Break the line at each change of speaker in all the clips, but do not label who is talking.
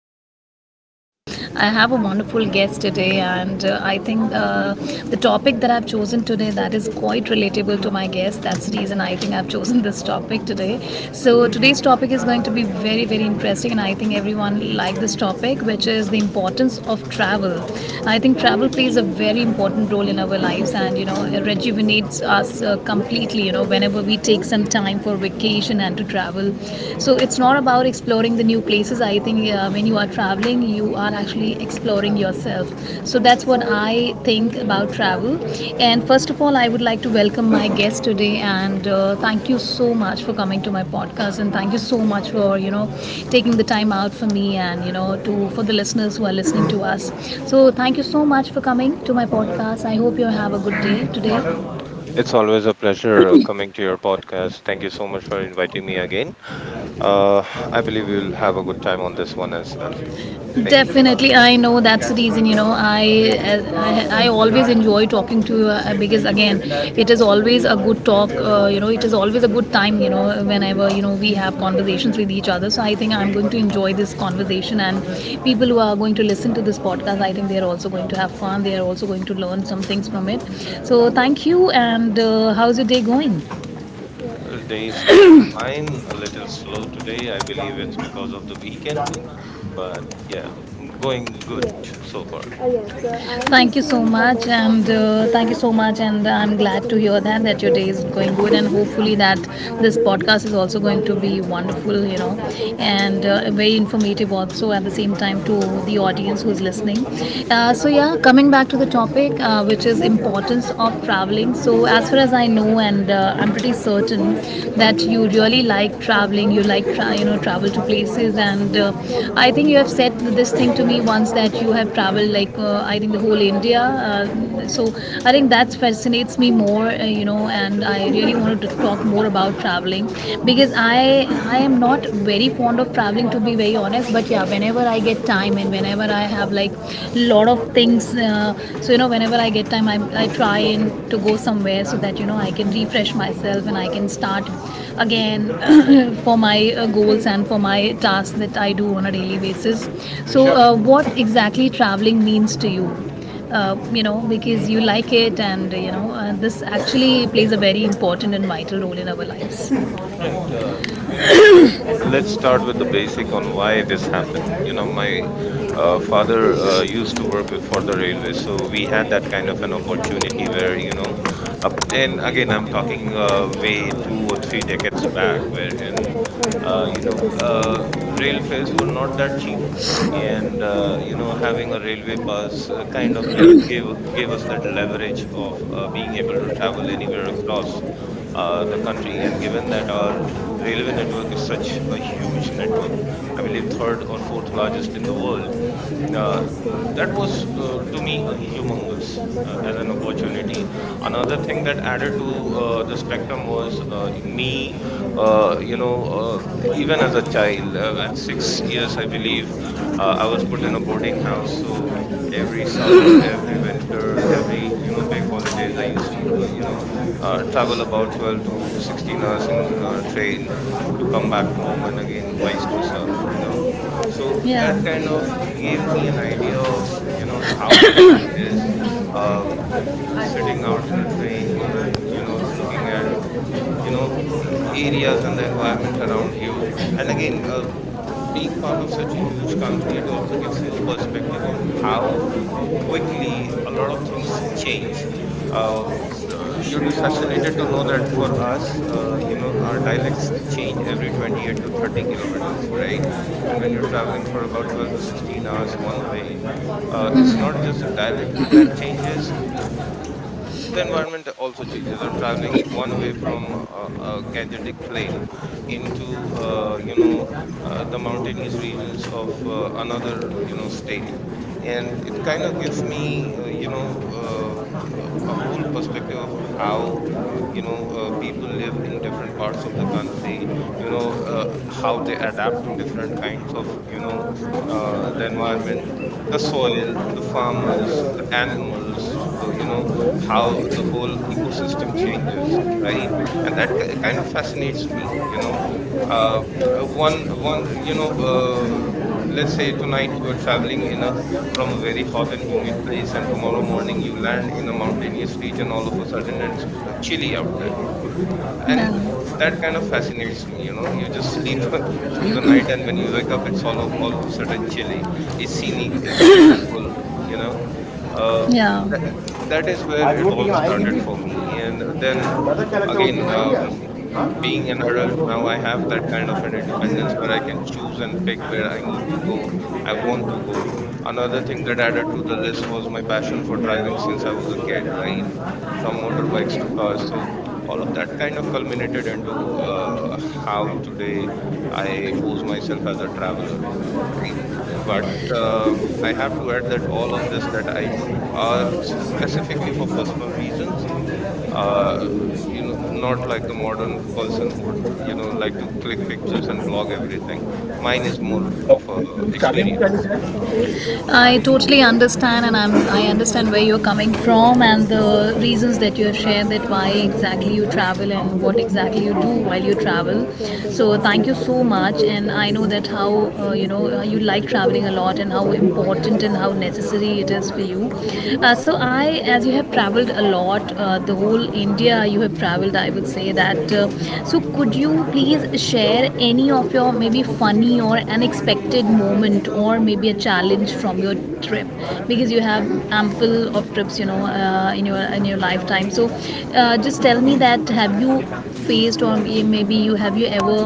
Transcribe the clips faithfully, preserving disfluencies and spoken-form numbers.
podcast, and again, I have a wonderful guest today. And uh, I think uh, the topic that I've chosen today that is quite relatable to my guest. That's the reason I think I've chosen this topic today. So today's topic is going to be very, very interesting, and I think everyone like this topic, which is the importance of travel. I think travel plays a very important role in our lives, and you know, it rejuvenates us uh, completely. You know, whenever we take some time for vacation and to travel. So it's not about exploring the new places. I think uh, when you are traveling, you are actually exploring yourself. So that's what I think about travel. And first of all, I would like to welcome my guest today and uh, thank you so much for coming to my podcast and thank you so much for you know taking the time out for me and you know to for the listeners who are listening to us. So thank you so much for coming to my podcast. I hope you have a good day today.
It's always a pleasure uh, coming to your podcast. Thank you so much for inviting me again. Uh, I believe we'll have a good time on this one as well. Thank you.
Definitely, I know that's the reason. You know, I I, I always enjoy talking to you uh, because again, it is always a good talk. Uh, you know, it is always a good time. You know, whenever you know we have conversations with each other. So I think I'm going to enjoy this conversation, and people who are going to listen to this podcast, I think they are also going to have fun. They are also going to learn some things from it. So thank you, and uh, how's your day going?
Well, day is going fine, a little slow today. I believe it's because of the weekend, but yeah, mm, going good so far.
Uh, yes, thank you so much, and uh, thank you so much, and I'm glad to hear that that your day is going good, and hopefully that this podcast is also going to be wonderful, you know, and uh, very informative also at the same time to the audience who's listening. Uh, so yeah, coming back to the topic, uh, which is importance of traveling. So as far as I know, and uh, I'm pretty certain that that you really like traveling. You like tra- you know travel to places, and uh, I think you have said this thing to me once that you have traveled like uh, I think the whole India. Uh, so I think that fascinates me more, uh, you know, and I really wanted to talk more about traveling because I I am not very fond of traveling to be very honest. But yeah, whenever I get time and whenever I have like lot of things uh, so you know whenever I get time I, I try and to go somewhere so that you know I can refresh myself and I can start again for my uh, goals and for my tasks that I do on a daily basis. So uh, what exactly traveling means to you, uh, you know, because you like it and you know uh, this actually plays a very important and vital role in our lives.
Right. Um, you know, l- let's start with the basic on why this happened. You know, my uh, father uh, used to work with, for the railway, so we had that kind of an opportunity where, you know, uh, and again, I'm talking uh, way two or three decades back, where in, uh, you know, uh, rail fares were not that cheap. And uh, you know, having a railway pass uh, kind of give, give gave us that leverage of uh, being able to travel anywhere across uh, the country. And given that our railway network is such a huge network, I believe third or fourth largest in the world, uh, that was uh, to me a humongous, uh, as an opportunity. Another thing that added to uh, the spectrum was uh, me, uh, you know uh, even as a child uh, at six years I believe, uh, I was put in a boarding house. So every summer, every winter, every you know big holidays I used to uh, you know uh, travel about twelve to sixteen hours in uh, train to come back home and again vice versa, you know. So that kind
Yeah.
of gave me an idea of you know how the world is.
A
um,
च्रीज दिपस खानने के
uh, Sitting
पाजू
out
हो
in a
इख
train
एड़
and you know looking at you know a- areas and the environment around you, and again, uh, being part of such a
नहीं है
huge country, it also gives you a perspective on how quickly a lot of things change. Um, uh, You'd be fascinated to know that for us, uh, you know, our dialects change every twenty-eight to thirty kilometers, right? And when you're traveling for about twelve to sixteen hours one way, uh, it's not just the dialect that changes, the environment also changes. I'm traveling one way from uh, a gangetic plain into uh, you know uh, the mountainous regions of uh, another you know state, and it kind of gives me uh, you know uh, a, a whole perspective of how you know uh, people live in different parts of
कि
the
वहांट है
country,
तोirm।
you know, uh, how
यहा
they
जोरे से
adapt to
वहांट
different
लेस
kinds
ख़ो
of you know
किसे
uh,
आफ
the
मेला
environment, the
नहीं हो,
soil, the farmers, the animals, uh, you know, how the whole
Mukul
ecosystem
करेंको
changes, right? And that ki- kind of fascinates me, you know. uh, uh, one one uh, you know uh, let's say tonight you are traveling in a, from a very hot and humid place, and tomorrow morning you land in a mountainous region, all of a sudden it's uh, chilly out there. And that kind of fascinates me, you know, you just sleep through the night, and when you wake up it's all o- all of a sudden chilly. It's scenic, it's beautiful, you know. uh, th- that is where it all started for me. And then
देपा
again,
कलीने
um,
क्या.
being an adult now, I have that kind of an independence where I can choose and pick where I need to go, I want to go. Another thing that added to the list was my passion for driving since I was a kid, right? From motorbikes to cars. So all of that kind of culminated into uh, how today I pose myself as a traveler, right? But uh, I have to add that all of this that I do are specifically for personal reasons. Uh, you know, not like the modern person who would, you know, like to click pictures and blog everything. Mine is more of a experience.
I totally understand, and I'm I understand where you're coming from and the reasons that you have shared that why exactly you travel and what exactly you do while you travel. So thank you so much, and I know that how uh, you know uh, you like traveling a lot and how important and how necessary it is for you. Uh, so I, as you have traveled a lot, uh, the whole India you have traveled, I would say that. Uh, so could you please share any of your maybe funny or unexpected moment or maybe a challenge from your trip? Because you have ample of trips, you know, uh, in your in your lifetime. So, uh, just tell me that have you faced or may- maybe you have you ever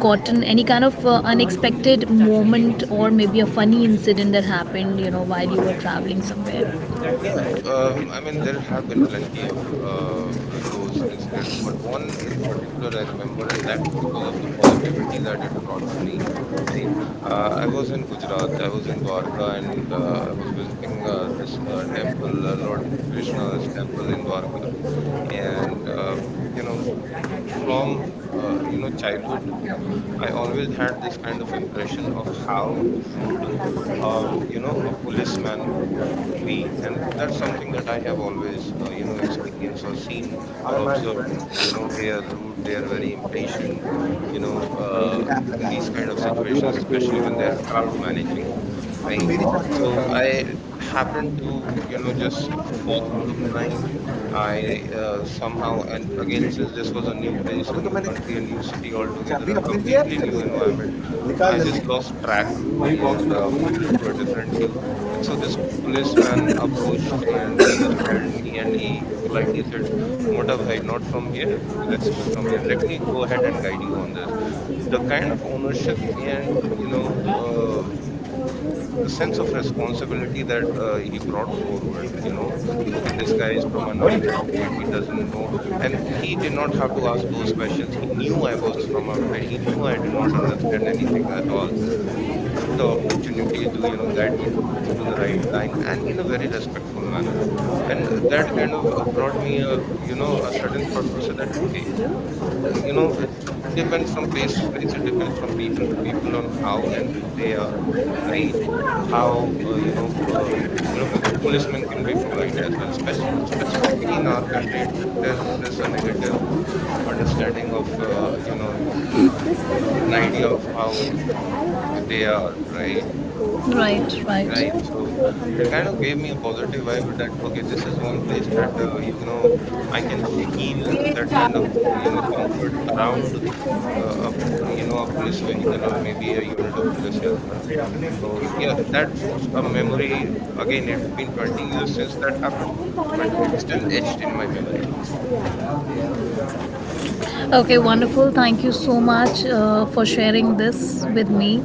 gotten any kind of uh, unexpected moment or maybe a funny incident that happened, you know, while you were traveling somewhere?
Yeah, uh, I mean, there have been plenty of uh, those incidents, but one in particular I remember, and that's because of the positivity that it brought to me. Right? Uh, I was in Gujarat, I was in Dwarka, and uh, I was visiting uh, this uh, temple, uh, Lord Krishna's temple in Dwarka. And, um, you know, from, uh, you know, childhood, I always had this kind of impression of how rude uh, you know a policeman would be. And that's something that I have always uh, you know experienced or seen or observed. And, you know, they are rude, they are very impatient, you know,
Uh,
uh, in these kind of situations, especially when they are crowd managing, right? So I
uh,
happened to you know just fall out of line. I uh, Somehow, and again, since this was a new place, a
अभी तो
new
मैंने
country, a new city altogether,
चाबी
a
अपने लिए है
completely new
फिर
environment,
निकाल
I
जल्दी.
just lost track and uh, moved into a different queue. And so this policeman approached, and he just held me and he politely said, "Mota bhai, not from here. Let's go from here. Let me go ahead and guide you on this." The kind of ownership and, uh, you know, uh, the sense of responsibility that uh, he brought forward, you know, okay, this guy is from an outside state, he doesn't know. And he did not have to ask those questions. He knew I was from outside, he knew I did not understand anything at all. He took the opportunity to you know guide me to, to- through the right line, and in a very respectful manner. And that kind of uh, brought me a you know a certain thought process that, okay, uh, you know it, it depends from place to place, it depends from people to people on how and who they are, right? How uh, you know uh, you know policemen can be polite as well. Speci- specifically in our country it's, there's, there's a negative understanding of, uh, you know, an idea of how they are, right? Um,
Right,
Right.
right.
So it kind of gave me a positive vibe that, okay, this is one place that, uh, you know, I can feel that kind of, uh, you know, comfort around, uh, a, you know, a police vehicle or maybe a unit of police as well. So yeah, that's a memory. Again, it's been twenty years since that happened, but it's still etched in my memory.
Okay, wonderful. Thank you so much uh, for sharing this with me.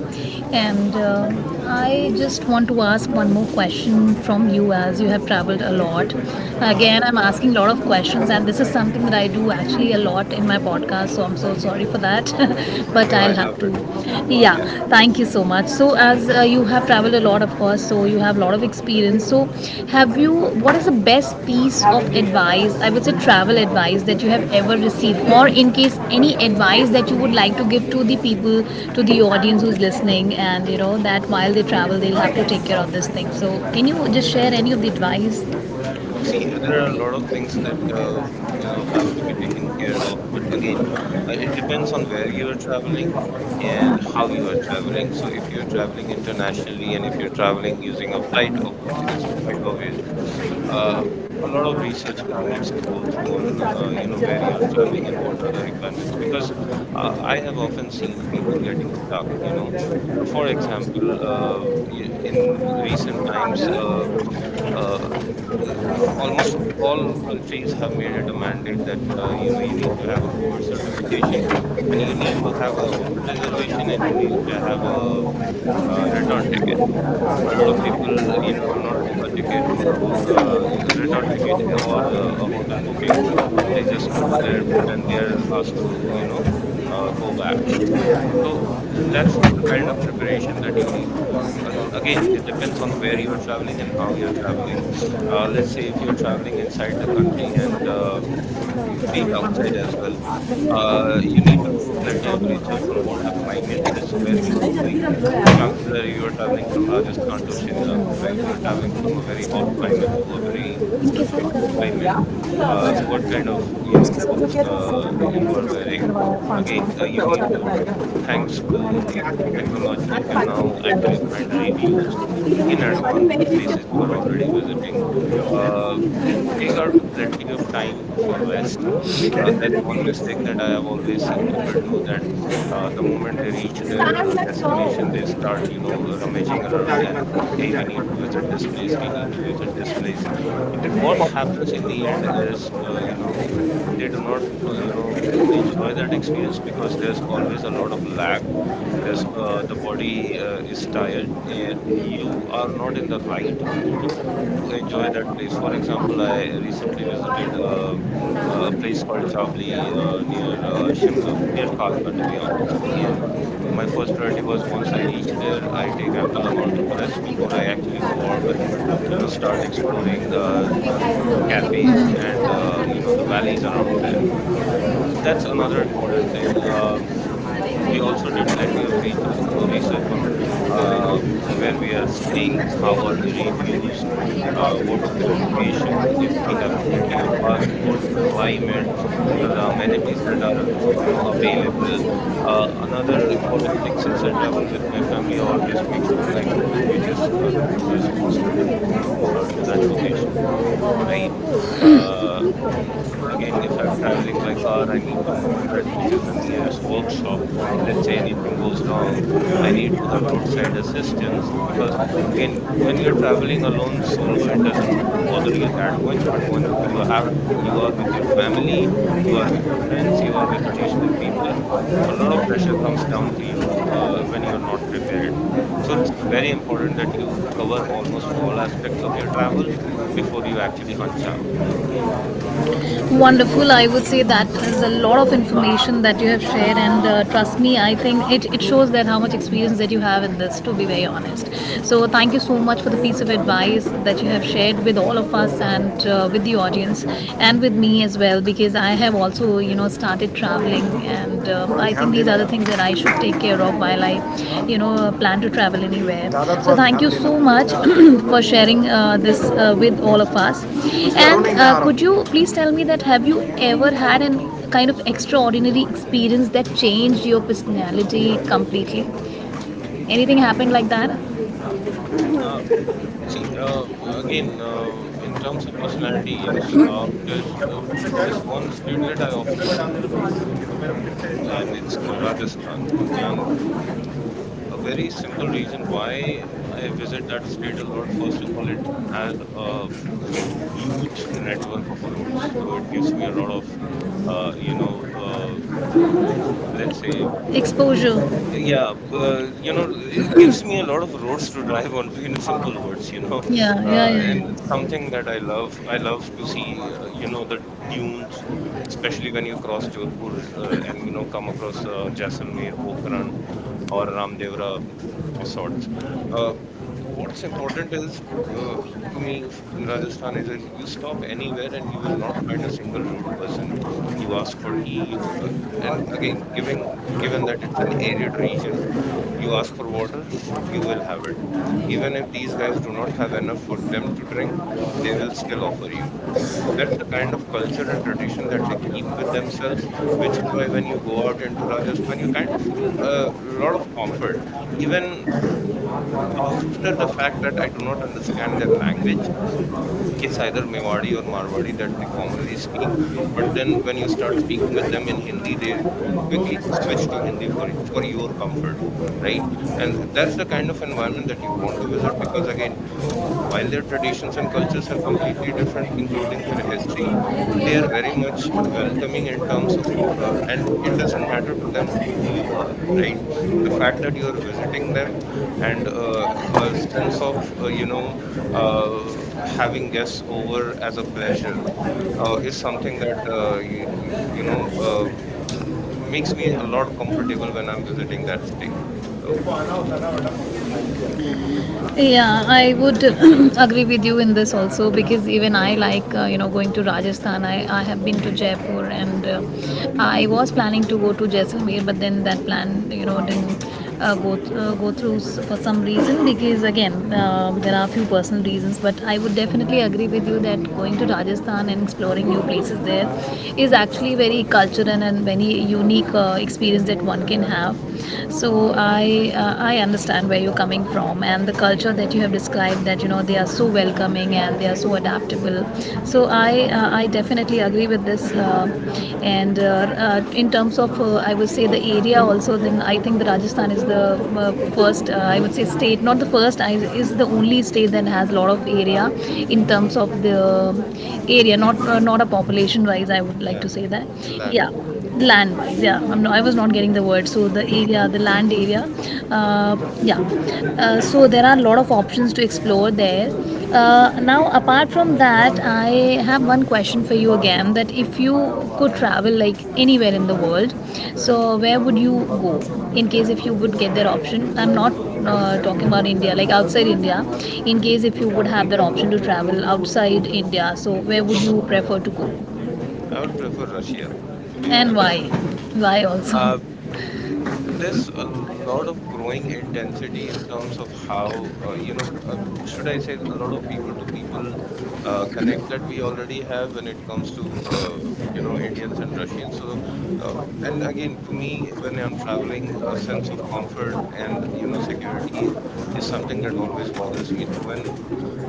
And uh, I just want to ask one more question from you as you have traveled a lot.
Hmm.
Again, I'm asking a lot of questions, and this is something that I do actually a lot in my podcast, so I'm so sorry for that. But
No, I
I'll
love
have to.
it.
Yeah, thank you so much. So, as uh, you have traveled a lot, of course, so you have a lot of experience. So, have you, what is the best piece of advice, I would say travel advice, that you have ever received? Or, in case any advice that you would like to give to the people, to the audience who's listening, and you know, that while they travel, they'll have to take care of this thing. So, can you just share any of the advice?
See, uh, there are a lot of things that uh, you know have to be taken care of, but again, uh, it depends on where you are traveling and how you are traveling. So, if you're traveling internationally and if you're traveling using a flight, uh, which is quite obvious, uh, a lot of research n- needs to go through on uh, you know where you're traveling and what are the requirements. Because uh, I have often seen people getting stuck. You know, uh, for example, uh, y- in recent times. Uh, uh, um, almost all countries have made it a mandate that uh, you know you need to have a COVID certification, and you need to have a hotel reservation, and you need to have a, uh return ticket. A lot of people, uh, you know, do not book a ticket for a ho- uh, a return ticket or uh, a hotel booking, and they just go to the airport and they are asked to, you know, uh, go back. So uh, that's the kind of preparation that you need to do. A- Again, it depends on where you're traveling and how you're traveling. Uh, let's say if you're traveling inside the country, and uh, be it outside as well, uh, you need to do plenty of research on what the climate is where you are going. Chances are you are traveling from Rajasthan to Shimla, right? You're traveling from a very hot climate to a very cold climate. Uh, what kind of you know clothes uh, you are wearing. Again, uh, you need uh, thanks to technology, you can now actually find reviews in advance of places you are already visiting. Uh, Take out plenty of time for rest. Uh, that's one mistake that I have always seen people do. That uh, the moment they reach their uh, destination, they start, you know, rummaging around and, hey, we need to visit this place, hey, need to visit this place. What happens in the end is uh, you know they do not uh, you know enjoy that experience, because there's always a lot of lag, because uh, the body uh, is tired and you are not in the right mood to enjoy that place. For example, I recently visited uh, a place called Chabli uh, near uh, Shimla, near Kalka, to be honest. And my first priority was once I reach there, I take ample amount of rest before I actually go out and you know start exploring uh, the cafes and uh, you know the valleys around there. So that's another important thing. Um, we also did plenty of research or research on uh, where we are staying, how are the reviews, uh, what's their location, if we have plenty of parking, what's the climate, what are the amenities that are you know available. Uh, another important thing, since I travel with my family, I always make sure I know wh- which is uh, the closest hospital uh, to that location, right? Uh, n- Again, if I'm traveling by car, I need to know that which is the nearest workshop. Let's say anything goes wrong, I need to have roadside assistance because, again, when you're traveling alone solo, it doesn't bother you that much. But once you have you are with your family, you are with your friends, you are with additional people, a lot of pressure comes down to you uh, when you're not prepared. So it's very important that you cover almost all aspects of your travel before you actually hunch out.
Wonderful. I would say that is a lot of information that you have shared, and uh, trust me, I think it, it shows that how much experience that you have in this, to be very honest. So, thank you so much for the piece of advice that you have shared with all of us and uh, with the audience and with me as well, because I have also, you know, started traveling and um, I think these are the things that I should take care of while I, you know, uh, plan to travel anywhere. So thank you so much for sharing uh, this uh, with all of us. And uh, could you please tell me that have you ever had an kind of extraordinary experience that changed your personality completely? Anything happened like that?
Uh, See, uh, again, uh, in terms of personality, yes, uh, because uh, there's one state that I often visit, and it's uh, Rajasthan. And the, a very simple reason why I visit that state a lot, first of all, it has a huge network of roads, so it gives me a lot of uh, you know uh, let's say,
Exposure.
yeah, uh, you know, it gives me a lot of roads to drive on to, in simple words, you know.
Yeah, yeah, yeah,
Uh, and it's
yeah.
something that i love I love to see, uh, you know, the dunes, especially when you cross Jodhpur, uh, and you know come across uh, Jaisalmer, Pokhran or Ramdevra of sorts. Um, what's important is, uh, to me, f- in Rajasthan, is, is you stop anywhere and you will not find a single rude person. You ask for tea, you uh, and again, given given that it's an arid region, you ask for water, you will have it. Even if these guys do not have enough for them to drink, they will still offer you. That's the kind of culture and tradition that they keep with themselves, which is why when you go out into Rajasthan, you kind of feel a lot of comfort even after the fact that I do not understand their language. It's either Mewadi or Marwadi that they commonly speak. But then when you start speaking with them in Hindi, they quickly switch to Hindi for for your comfort, right? And that's the kind of environment that you want to visit because, again, while their traditions and cultures are completely different, including their history, they are very much welcoming in terms of, uh, and it doesn't matter to them who you are, right? The fact that you are visiting them, and uh, a sense of, uh, you know, uh, having guests over as a pleasure uh, is something that, uh, you, you know uh, makes me a lot comfortable when I'm visiting that state. So
Yeah, I would agree with you in this also because even I like uh, you know going to Rajasthan. I, I have been to Jaipur and uh, I was planning to go to Jaisalmer, but then that plan you know didn't uh, go th- uh, go through s- for some reason because again uh, there are a few personal reasons. But I would definitely agree with you that going to Rajasthan and exploring new places there is actually very cultural and very unique uh, experience that one can have. So so I uh, I understand where you're coming from and the culture that you have described that you know they are so welcoming and they are so adaptable. So I uh, I definitely agree with this. Uh, and uh, uh, In terms of uh, I would say the area also, then I think the Rajasthan is the uh, first uh, I would say state, not the first, I, is the only state that has a lot of area in terms of the area, not uh, not a population wise. I would like
yeah,
to say that.
land.
Yeah, land wise, yeah. I'm no, I was not getting the word, so the area, the land area, uh, yeah. Uh, so there are a lot of options to explore there. Uh, now apart from that, I have one question for you
Mhm.
again, that if you could travel like anywhere in the world, so where would you go, in case if you would get that option. I'm not uh, talking about india, like outside india, in case if you would have that option to travel outside india, so where would you prefer to go?
I would prefer Russia, to be
And
honest.
why? Why also?
Uh, there's a lot of growing intensity in terms of how, uh, you know uh, should I say, a lot of people to people uh, connect that we already have when it comes to, uh, you know, Indians and Russians. So uh, and again, to me, when I'm traveling, a sense of comfort and you know security is something that always bothers me. So when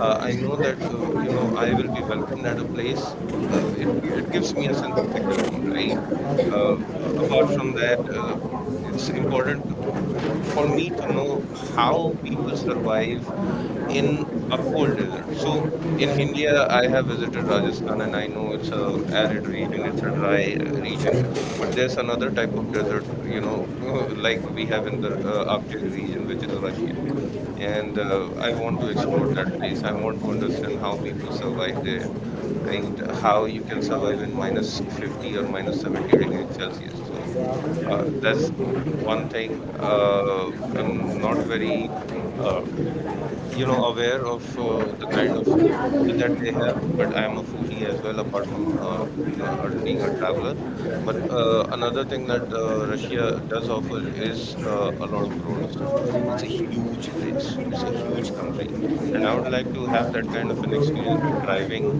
uh, I know that uh, you know I will be welcomed at a place, uh, it, it gives me a sense of security, right? uh, Apart from that, uh, it's important to- for me to know how people survive in a cold desert. So in India, I have visited Rajasthan, and I know it's a arid region, it's a dry uh, region. But there's another type of desert, you know, like we have in the uh, Arctic region, which is Russia. And uh, I want to explore that place. I want to understand how people survive there, right? How you can survive in minus fifty or minus seventy degrees Celsius. So uh, that's one thing uh, I'm not very, uh, you know aware of uh, the kind of food that they have, but I am a foodie as well, apart from, uh, uh, uh, being a traveler. But uh, another thing that uh, Russia does offer is uh, a lot of roads. It's a huge place, it's a huge country, and I would like to have that kind of an experience of driving,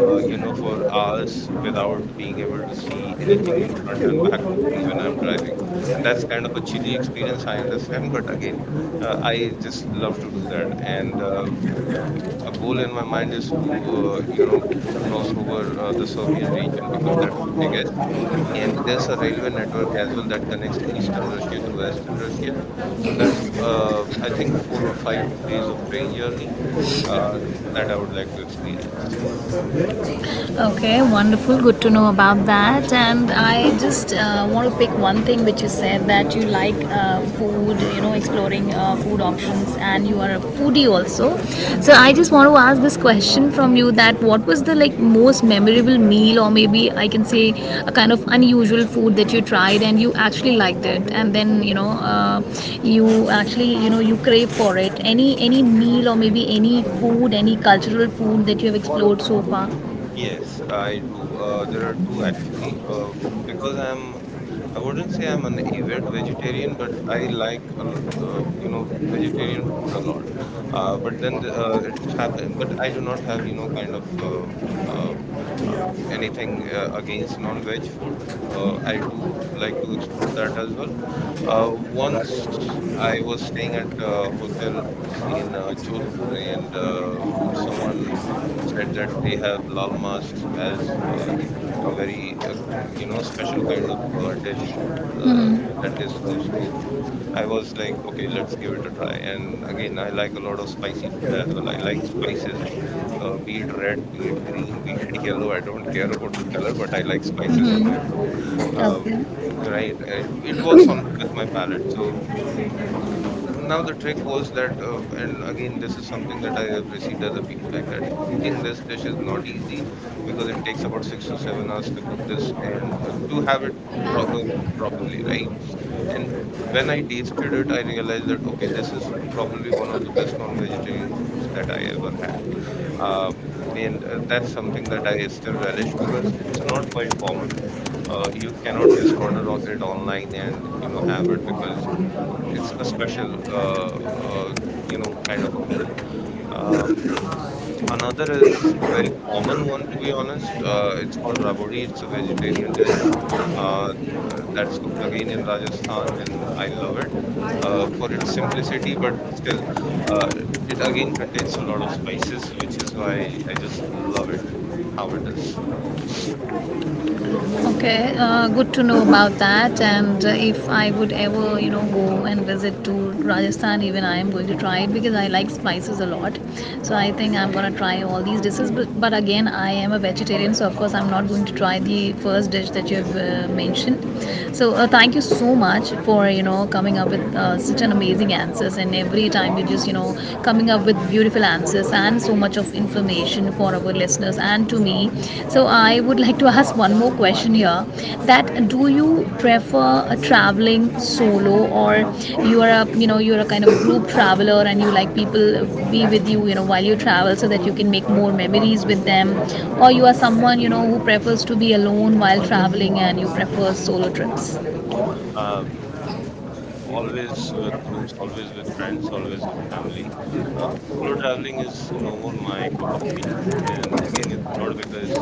uh, you know, for hours without being able to see anything in front and back of me when I'm driving. And that's kind of a chilly experience, I understand, but again, uh, I just love to do that. And uh, a goal in my mind is to uh, you know cross over uh, the Serbian region, because that's the biggest, and there's a railway network as well that connects Eastern Russia to Western Russia. So that's uh, I think four or five days of train journey uh, that I would like to experience.
Okay, wonderful. Good to know about that. And I just uh, want to pick one thing which you said that you like uh, food, you know, exploring uh, food options, and you are a foodie also. So
Hmm.
I just want to ask this question from you: that what was the like most memorable meal, or maybe I can say a kind of unusual food that you tried and you actually liked it, and then you know uh, you actually you know you crave for it. Any any meal or maybe any food, any cultural food that you have explored so far.
Yes, I do. Uh, there are two actually, um, because I'm, I wouldn't say I'm an avid vegetarian, but I like a l- uh, you know vegetarian food a lot. Uh, but then the, uh, it happen, but I do not have you know kind of, uh, uh, uh, anything uh, against non-veg food. Uh, I do like to explore that as well. Uh, once I was staying at a hotel in uh, Jodhpur, and uh, someone said that they have lal mas as, uh, a very, uh, you know, special kind of uh, dish uh, that
Mm-hmm.
they serve. So I was like, okay, let's give it a try. And again, I like a lot of spicy food as well. I like spices, uh, be it red, be it green, be it yellow. I don't care about the color, but I like spices in my
Mm-hmm.
food. Um,
Okay.
right, it, it works on with my palate. So now the trick was that, uh, and again, this is something that I have received as a feedback that cooking this dish is not easy because it takes about six to seven hours to cook this and uh, to have it pro- uh, cooked properly, right? And w- when I tasted it, I realized that okay, this is probably one of the best non-vegetarian foods that I ever had. Um, and uh, That's something that I still relish because it's not quite common. Uh, you cannot just order o- it online and you know have it because it's a special, uh, uh, you know, kind of a meal. Um, Another is a very common one, to be honest. Uh, it's called rabodi. It's a vegetarian dish. Uh, uh, that's cooked again in Rajasthan, and I love it uh, for its simplicity, but still, uh, it again contains a lot of spices, which is why I just love it how it is.
Okay. Uh, good to know about that. And uh, if I would ever, you know, go and visit to Rajasthan, even I am going to try it because I like spices a lot. So I think I'm gonna try all these dishes. But, but again, I am a vegetarian, so of course I'm not going to try the first dish that you have uh, mentioned. So uh, thank you so much for you know coming up with uh, such an amazing answers, and every time you just you know coming up with beautiful answers and so much of information for our listeners and to me. So I would like to ask one more question here, that do you prefer uh, traveling solo, or you are a you know you're a kind of group traveler and you like people be with you, you know while you travel so that you can make more memories with them, or you are someone, you know who prefers to be alone while traveling and you prefer solo trips.
Um, Always with groups, always with friends, always with family. Uh, Solo traveling is no more my cup of tea, and again, it's not because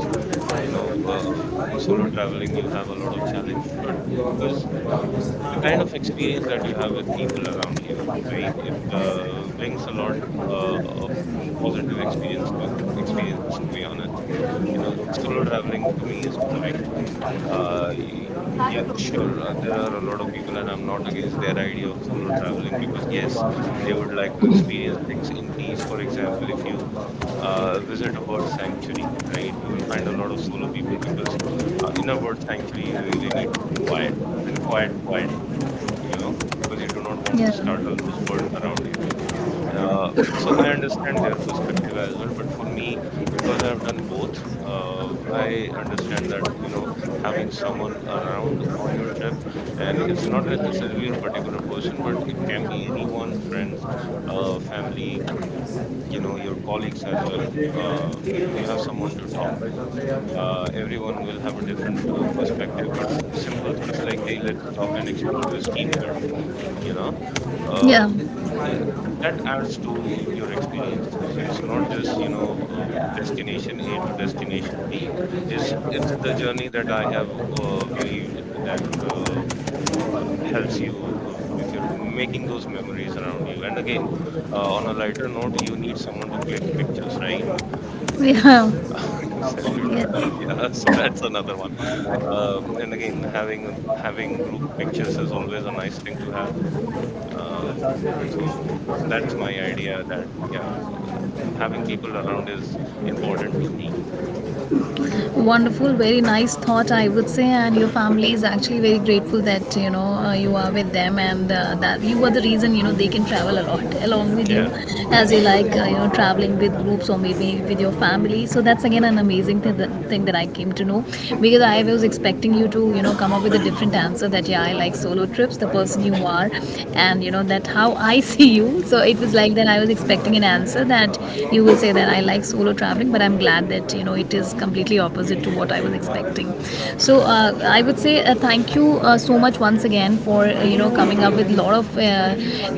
you know uh, in solo traveling you have a lot of challenges, but because the kind of experience that you have with people around you, right? It uh, brings a lot uh, of positive experience to experiences. To be honest, you know, solo traveling to me is boring. Uh, y- yeah, sure, uh, there are a lot of people, and I'm not against their idea of solo traveling because yes, they would like to experience things in peace. For example, if you uh, visit a bird sanctuary, right? You will find a lot of solo people because uh, in a bird sanctuary, you really need to be quiet and quiet, quiet, uh, you know, because you do not want to startle
Yeah.
those birds around you. Uh, so I understand their perspective as well, but for me, because I've done both, uh, I understand that you know having someone around on your trip, and it's not necessarily a particular person, but it can be anyone, friends, uh, family, you know your colleagues as well. uh, you have someone to talk to. Uh, everyone will have a different uh, perspective, but simple things like, hey, let's stop and explore this tea point, you know
Yeah.
uh, yeah, that adds to your experiences. It's not just, you know uh, destination A to destination B, it's it's the journey that I have uh, believed that uh, uh, helps you uh, with your making those memories around you. And again, uh, on a lighter note, you need someone to click pictures, right? Selfie, yeah,
Yeah.
so
Yes.
that's another one. Um, and again, having a, having group pictures is always a nice thing to have. Uh, so that's my idea, that, yeah, having people around is important to me.
Wonderful, very nice thought, I would say. And your family is actually very grateful that you know uh, you are with them, and uh, that you are the reason, you know they can travel a lot along with you,
Yeah.
as you like uh, you know traveling with groups or maybe with your family. So that's again an amazing thing that, thing that I came to know, because I was expecting you to you know come up with a different answer, that yeah, I like solo trips, the person you are, and you know that how I see you. So it was like that I was expecting an answer that you will say that I like solo travel traveling, but I'm glad that you know it is completely opposite to what I was expecting. So uh, I would say uh, thank you uh, so much once again for uh, you know coming up with a lot of uh,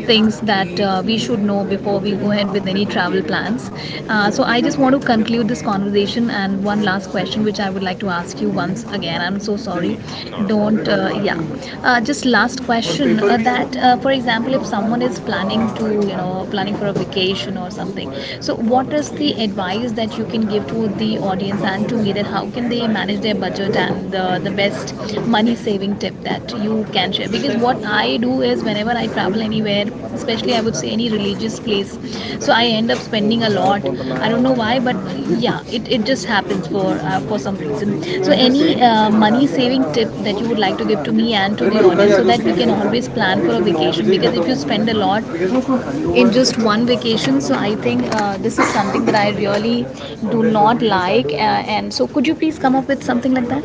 things that uh, we should know before we go ahead with any travel plans. Uh, so I just want to conclude this conversation and one last question which I would like to ask you once again. I'm so sorry.
Hmm. Not a problem.
Don't uh, yeah. Uh, just last question, uh, that uh, for example, if someone is planning to you know planning for a vacation or something, or something so what is the advice that you can give to the audience and to me, that how can they manage their budget and the, the best money saving tip that you can share? Because what I do is, whenever I travel anywhere, especially I would say any religious place, so I end up spending a lot. I don't know why, but yeah, it, it just happens for uh, for some reason. So any uh, money saving tip that you would like to give to me and to the audience, so that we can always plan for a vacation, because if you spend a lot in just one vacation. So I think uh, this is something that I really do not like. Uh, and so, could you please come up with something like that?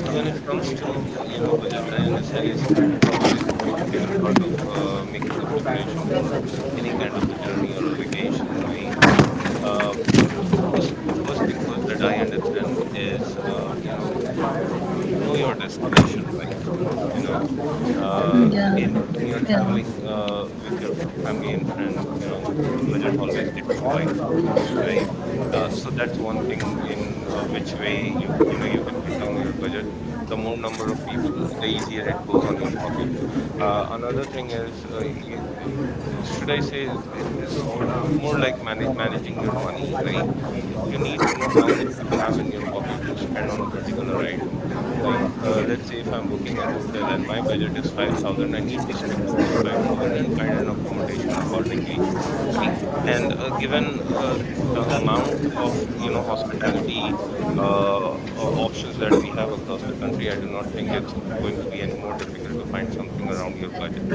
So when it comes to, you know budget, I understand it's m- probably the most difficult part of uh, making a preparation for any kind of a journey or a vacation, right? Uh, first, first thing first that I understand is, uh, you know know your destination, right? You know, uh,
Yeah,
again, when you're
yeah,
traveling uh, with your family and friends, you know, uh, the budget always gets divided, right? Uh, so that's one thing, in uh, which way you you know you can cut down your budget. The more number of people, the easier it goes on your pocket. Uh, another thing is, uh, you, uh, should I say, it it is more like mana managing your money, right? You need to know how much you have in your pocket to spend on a particular item. Like, uh, let's say if I'm booking a hotel and my budget is five thousand, I need to stick to those five thousand and find an accommodation accordingly, right? And uh, given uh, the amount of, you know, hospitality uh, o- options that we have across the country, I do not think it's going to be any more difficult to find something around your budget.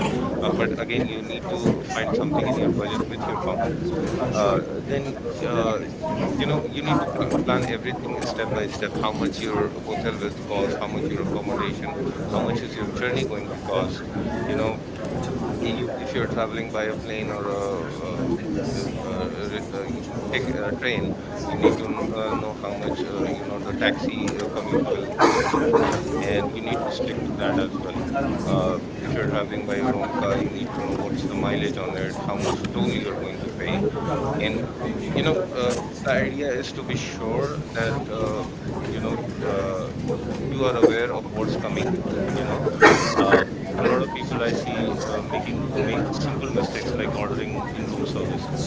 uh, But again, you need to find something in your budget with your comfort. Uh, then uh, you know, you need to pl- plan everything step by step. How much your hotel will cost, how much your accommodation, how much is your journey going to cost. You know, you, if you're traveling by a plane or a, uh uh uh re- uh, y- take a train, you need to kn- uh, know how much, uh, you know, the taxi uh, commute will cost you, and you need to stick to that as well. Uh, if you're traveling by your own car, you need to know what's the mileage on it, how much toll you're going to pay, and uh, you know uh, the idea is to be sure that, uh, you know uh, you are aware of what's coming. You know, um, a lot of people I see uh, making uh, make simple mistakes like ordering in-room services.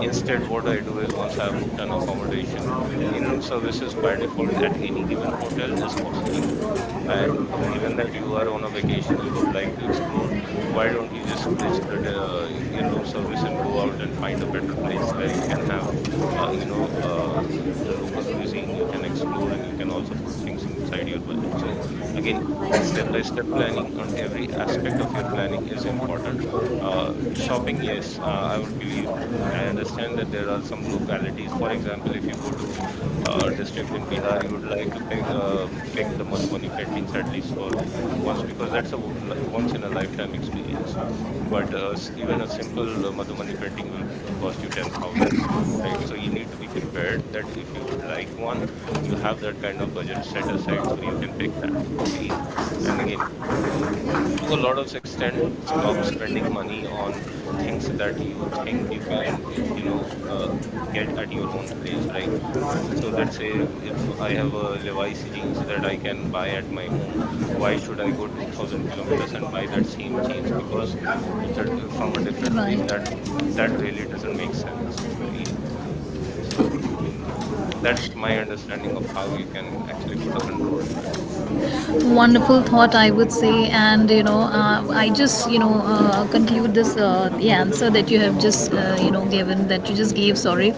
Instead, what I do is, once I have booked an accommodation, in-room services by default at any given hotel is costly, and given that you are on a vacation, you would like to explore. Why don't you just ditch the uh, in-room service and go out and find a better place where you can have, uh, you know uh, the local cuisine. You can explore, and you can also put things inside your budget. So, again, step by step planning on every aspect of your planning is important. Uh, shopping, yes, uh, I would believe. I understand that there are some localities. For example, if you go to uh, district in Bihar, you would like to pick um pick the Madhubani paintings at least for once, because that's a w- li- once in a lifetime experience. But uh, s- even a simple uh, Madhubani painting will uh, cost you ten thousand. Right, so you need to be prepared that if you would like one, you have that kind of budget set aside so you can pick that. Right, and again, to a lot of extent, stop spending money on things that you think you can, uh, you know uh, get at your own place, right? So let's say if I have a Levi's jeans that I can buy at my home, why should I go two thousand kilometers and buy that same jeans, because it's a, uh, from a different place. That
right.
that really doesn't make sense, right? So mm, that's my understanding of how you can actually put a control to it.
Wonderful thought, I would say. And you know uh, I just you know uh, conclude this uh, the answer that you have just uh, you know given, that you just gave, sorry,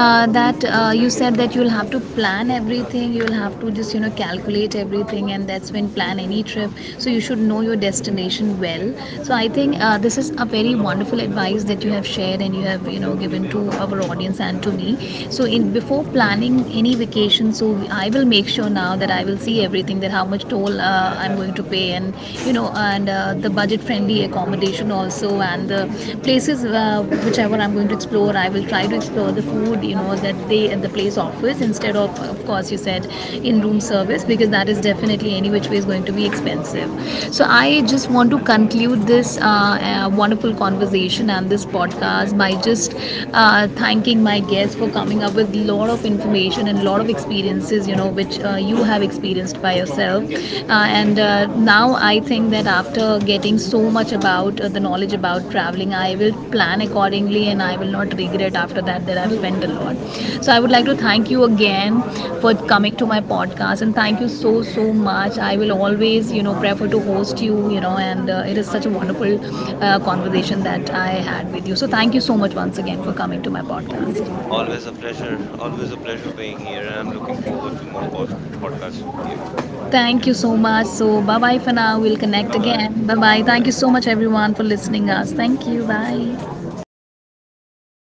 uh, that uh, you said that you'll have to plan everything, you'll have to just you know calculate everything and that's when plan any trip, so you should know your destination well. So I think uh, this is a very wonderful advice that you have shared and you have you know given to our audience and to me. So in before planning any vacation, so I will make sure sure now that I will see everything, that how much toll uh, I'm going to pay, and you know, and uh, the budget-friendly accommodation also, and the places uh, whichever I'm going to explore, I will try to explore the food, you know, that they and the place offers, instead of, of course, you said in-room service, because that is definitely any which way is going to be expensive. So I just want to conclude this uh, uh, wonderful conversation and this podcast by just uh, thanking my guests for coming up with a lot of information situation and a lot of experiences, you know, which uh, you have experienced by yourself. Uh, and uh, now I think that after getting so much about uh, the knowledge about traveling, I will plan accordingly and I will not regret after that, that I've spent a lot. So I would like to thank you again for
Mm-hmm.
coming to my podcast, and thank you so, so much. I will always, you know, prefer to host you, you know, and uh, it is such a wonderful uh, conversation that I had with you. So thank you so much once again for coming to my
Al-
podcast.
Always a pleasure. Always a pleasure being here, and I'm looking forward to more pod- podcasts with you.
Thank
Yeah.
you so much. So bye bye for now. We'll connect
Bye-bye.
again. Bye bye. Thank
Bye.
you so much everyone for listening us. Thank you. Bye.